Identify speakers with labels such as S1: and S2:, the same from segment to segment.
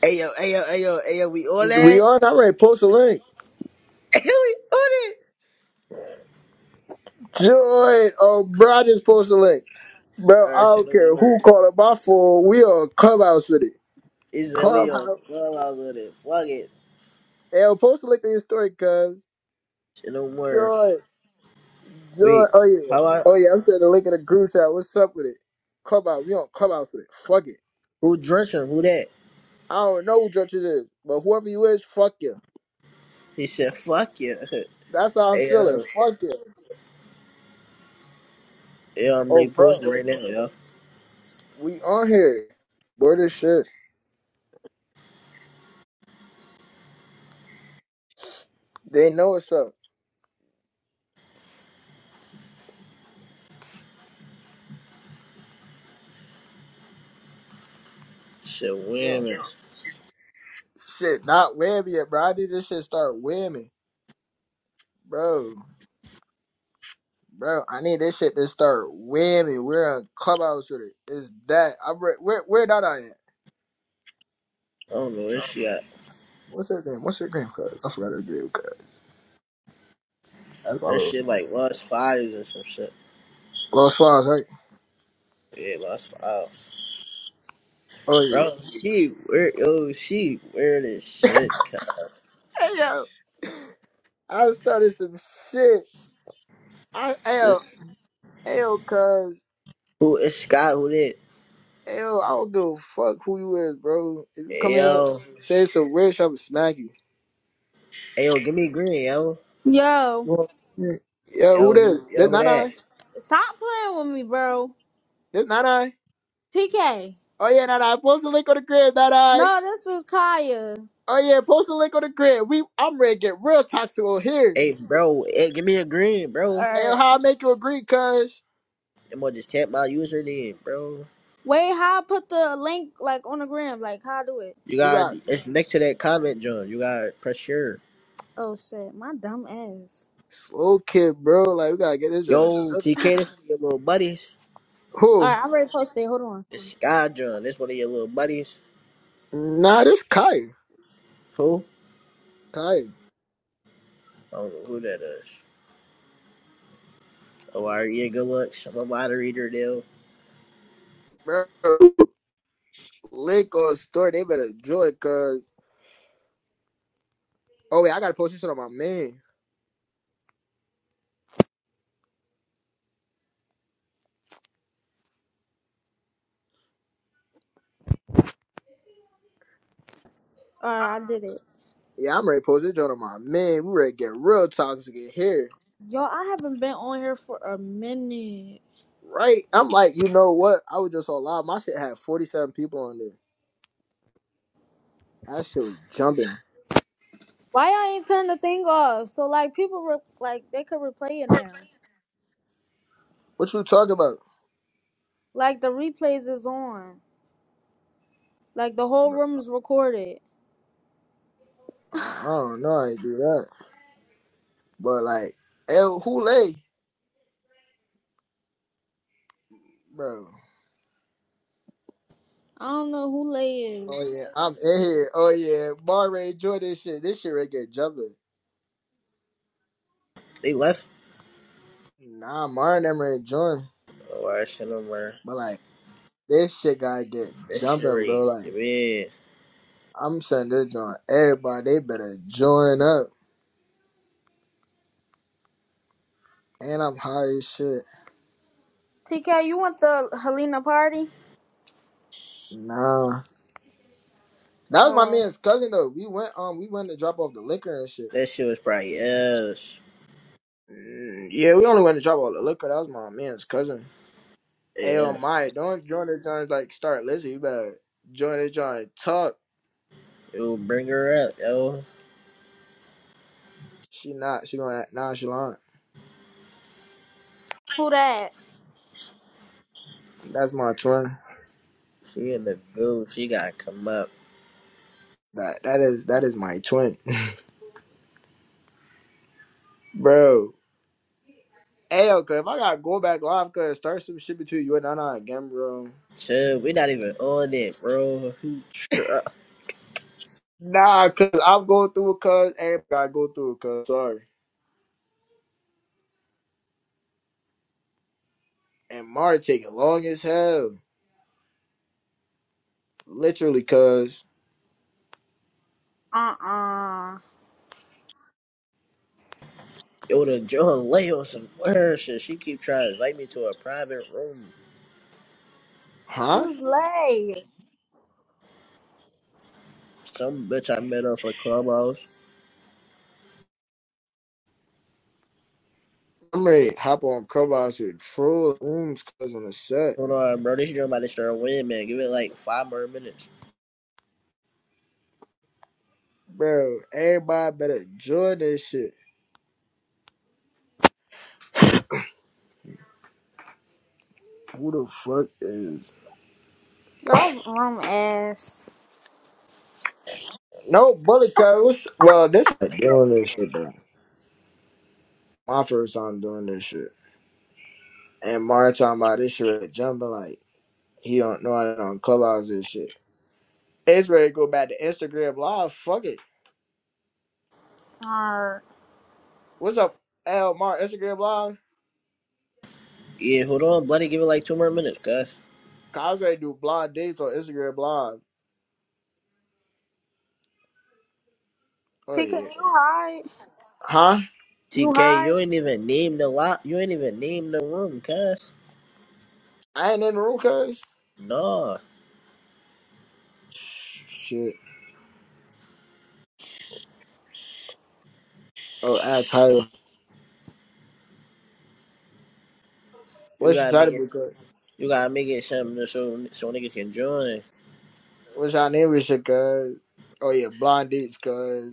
S1: Ayo, ayo, ayo, ayo, we all
S2: We
S1: that?
S2: on. I already post a link.
S1: Ayo, we all that?
S2: Joy. Oh, bro, I just post a link. Bro, I
S1: Alright, shit,
S2: don't
S1: no
S2: care
S1: more.
S2: who called up my phone. We on Clubhouse with it.
S1: Is that we on
S2: Clubhouse.
S1: clubhouse with it? Fuck it.
S2: Hey, post a link in your story, cuz.
S1: Shit, no more.
S2: Joy. Joy.
S1: Wait,
S2: Oh, yeah.
S1: how I,
S2: Oh, yeah. I'm sending the link in the group chat. What's up with it? Clubhouse. We on Clubhouse with it. Fuck it.
S1: who dressed him? Who that?
S2: I don't know who Judge it is, but whoever you is, fuck you.
S1: He said, fuck you.
S2: That's how I'm feeling.
S1: Ayo.
S2: Fuck you.
S1: Yo, I'm
S2: Oh, bro.
S1: reposting right now, yo.
S2: We on here. Word this shit. They know what's up.
S1: Shit,
S2: Yeah.
S1: women.
S2: Shit, not whammy yet, bro. I need this shit start whamming, bro. Bro, I need this shit to start whamming. We're on clubhouse with it. It's that. I'm re- where where that I at?
S1: I don't know where she at.
S2: What's her name? What's her name? Cause I forgot her name. Cause that's my
S1: That
S2: little
S1: shit like lost fives or some shit.
S2: little swans, right?
S1: Yeah, lost fives.
S2: Oh yeah.
S1: Bro, she weird. Yo, she weird as shit, cut.
S2: Hey yo, I started some shit. I hey yo,
S1: This.
S2: hey yo, cause
S1: Who is Scott? Who that?
S2: hey yo, I don't give a fuck who you is, bro. If you come here,
S1: Yo.
S2: say some weird shit, i am smack you.
S1: Ayo, give me green, yo.
S3: Yo,
S2: You want? Yeah, who
S1: Yo,
S2: this?
S1: who- yo,
S2: This
S1: who
S2: not
S1: that?
S2: I.
S3: stop playing with me, bro.
S2: This not I.
S3: TK.
S2: Oh yeah, that I post the link on the crib, that I.
S3: No, this is Kaya.
S2: Oh yeah, post the link on the crib. We I'm ready to get real toxic on here.
S1: Hey, bro. Hey, give me a green, bro.
S2: And
S3: Or
S2: how I make you agree, cuz
S1: I'm gonna just tap my username, bro.
S3: wait, how I put the link like on the gram? Like how I do it?
S1: You
S2: you
S1: got
S2: got
S1: it's next to that comment, John. You got to press share.
S3: Oh shit, my dumb ass.
S2: slow kid, bro. Like we gotta get this on.
S1: Yo, TK, this one of your little buddies.
S3: All
S2: Who?
S3: right, I already posted. it. Hold on.
S1: It's Sky John. This one of your little buddies.
S2: Nah, this Kai.
S1: Who?
S2: Kai.
S1: I don't know who that is. Oh, are Yeah, good luck. I'm a moderator, deal.
S2: Bro. Link on story, they better join cuz Oh wait, I gotta post this shit on my man.
S3: All right, I did it.
S2: Yeah, I'm ready to post this joint on my man. We ready to get real toxic in here.
S3: Yo, I haven't been on here for a minute.
S2: Right? I'm like, you know what? I was just all live. My shit had 47 people on there. That shit was jumping.
S3: Why y'all ain't turn the thing off? So like people re- like they could replay it now.
S2: What you talking about?
S3: Like the replays is on. Like the whole
S2: Bro,
S3: room is recorded.
S2: I I don't know. I ain't do that. But like, El Hule, bro.
S3: I don't know who lay is.
S2: Oh yeah, I'm in here. Oh yeah, Mar Mara enjoy this shit. This shit right get jumping.
S1: They left.
S2: Nah, Mar never enjoying.
S1: Oh, I Send them where.
S2: But like, this shit gotta get
S1: That shit,
S2: jumping,
S1: right.
S2: bro.
S1: Give
S2: Like,
S1: me.
S2: I'm saying this joint. Everybody, they better join up. And I'm high as shit.
S3: TK, you want the Helena party?
S2: Nah, that was my
S3: Oh,
S2: man's cousin though. We went um, we went to drop off the liquor and shit.
S1: That shit was probably us.
S2: Mm, Yeah, we only went to drop off the liquor. That was my man's cousin. Hey, oh
S1: Yeah.
S2: my, don't join this joint like start listening. You better join this joint and talk.
S1: Yo, bring her up, yo.
S2: She not. She gonna act nonchalant.
S3: who that?
S2: That's my twin.
S1: She in the goo. She gotta come up.
S2: That that is that is my twin, bro. Hey, cause if I gotta go back live, cause start some shit between you and Nana again, bro.
S1: Dude, we not even on it, bro. He try?
S2: Nah, cause I'm going through it, cause everybody gotta go through it, cause sorry. And Mar take it long as hell, literally, cause
S3: Uh uh
S1: Yo, the John Lay on some weird shit. She keep trying to invite me to a private room.
S2: huh?
S3: Who's late?
S1: Some bitch I met up for Clubhouse.
S2: I'm ready to hop on Clubhouse and troll rooms, cause on the set.
S1: Hold on, bro. This girl about to start winning, man. Give it like five more minutes.
S2: Bro, everybody better join this shit. Who the fuck is
S3: Y'all rum ass.
S2: no bully codes? Well, this doing this shit bro. My first time doing this shit, and Mario talking about this shit jumping like he don't know how to on clubhouse and shit. It's ready to go back to Instagram live. Fuck it.
S3: Alright.
S2: What's up, L Mar? Instagram live.
S1: Yeah, hold on, bloody. Give it like two more minutes, cuz.
S2: Cause I ready to do blind dates on Instagram live. Oh
S3: TK, you
S2: yeah.
S3: high?
S2: Huh?
S3: You
S1: TK,
S3: high?
S1: you ain't even named the lot. You ain't even named the room, cuz.
S2: I ain't in the room, cuz.
S1: No,
S2: Shit. Oh, add title.
S1: You
S2: What's your
S1: gotta make it.
S2: title, bro?
S1: You gotta make it something so so niggas can join.
S2: What's y'all name? Is your cuz? Oh yeah, blind dates, cuz.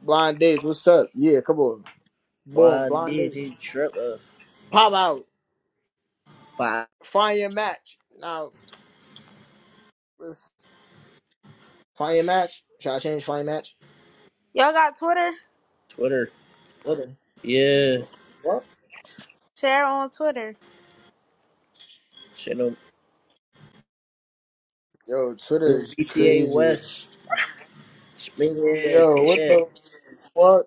S2: Blind dates, what's up? Yeah, come on. Boom,
S1: Blind
S2: blind
S1: did
S2: dates.
S1: trip of
S2: Pop out.
S1: by
S2: Find your match. Now, let's find your match. Should I change find match?
S3: Y'all got Twitter?
S1: Twitter?
S2: Twitter.
S1: Yeah.
S2: What?
S3: Share on Twitter.
S1: shit. no
S2: Yo, Twitter
S1: This
S2: is
S1: GTA
S2: crazy.
S1: West. speaking your ass
S2: Yo,
S1: from
S2: what
S1: that.
S2: the fuck?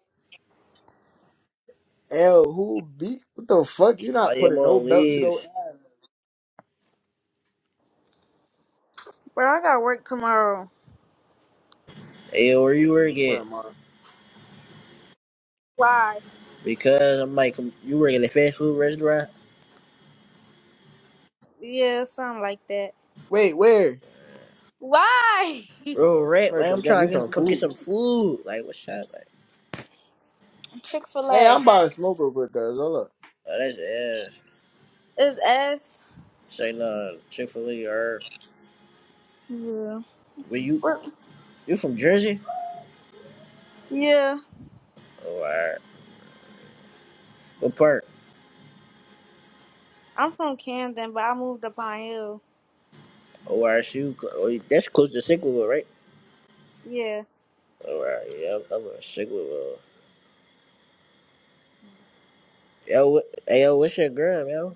S2: L, who beat? What the fuck? You
S1: I
S2: not
S1: am
S2: putting no
S1: on
S2: belt to those?
S1: leaves.
S3: Bro, I got work tomorrow.
S1: Hey, where you work
S2: Where
S1: at?
S2: am I?
S3: Why?
S1: Because I'm like, um, you work at a fast food restaurant?
S3: Yeah, something like that.
S2: Wait, where?
S3: Why?
S1: Bro, rap, like,
S2: America,
S1: I'm
S2: get me
S1: trying to
S2: some
S1: get, come get
S2: food.
S1: some food. Like, what's up? Like,
S3: Chick fil
S2: Hey, I'm
S3: A.
S2: about to smoke real quick, guys. Hold up.
S1: oh, that's ass.
S3: Is S?
S1: Say, no, Chick fil A, or.
S3: Yeah.
S1: Where you,
S3: What?
S1: you from Jersey?
S3: Yeah.
S1: Oh, alright. What part?
S3: I'm from Camden, but I moved to Pine Hill.
S1: Oh, alright, you, oh, that's close to Sickle, right?
S3: Yeah.
S1: Oh, alright, yeah, I'm, I'm in Sickle. Yo, what, hey, yo, what's your gram, yo?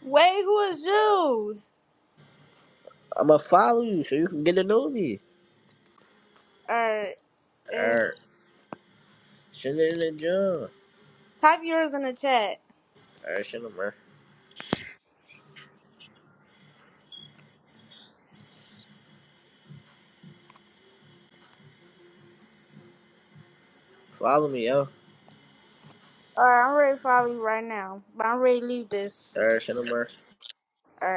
S3: Wait, who is Jude?
S1: I'ma follow you so you can get to know me.
S3: Alright.
S1: Alright. Shit in the gym.
S3: Type yours in the chat.
S1: Alright, shit, I'm Follow me, yo.
S3: Alright, I'm ready to follow you right now. But I'm ready to leave this.
S1: Alright, shit, I'm
S3: Alright.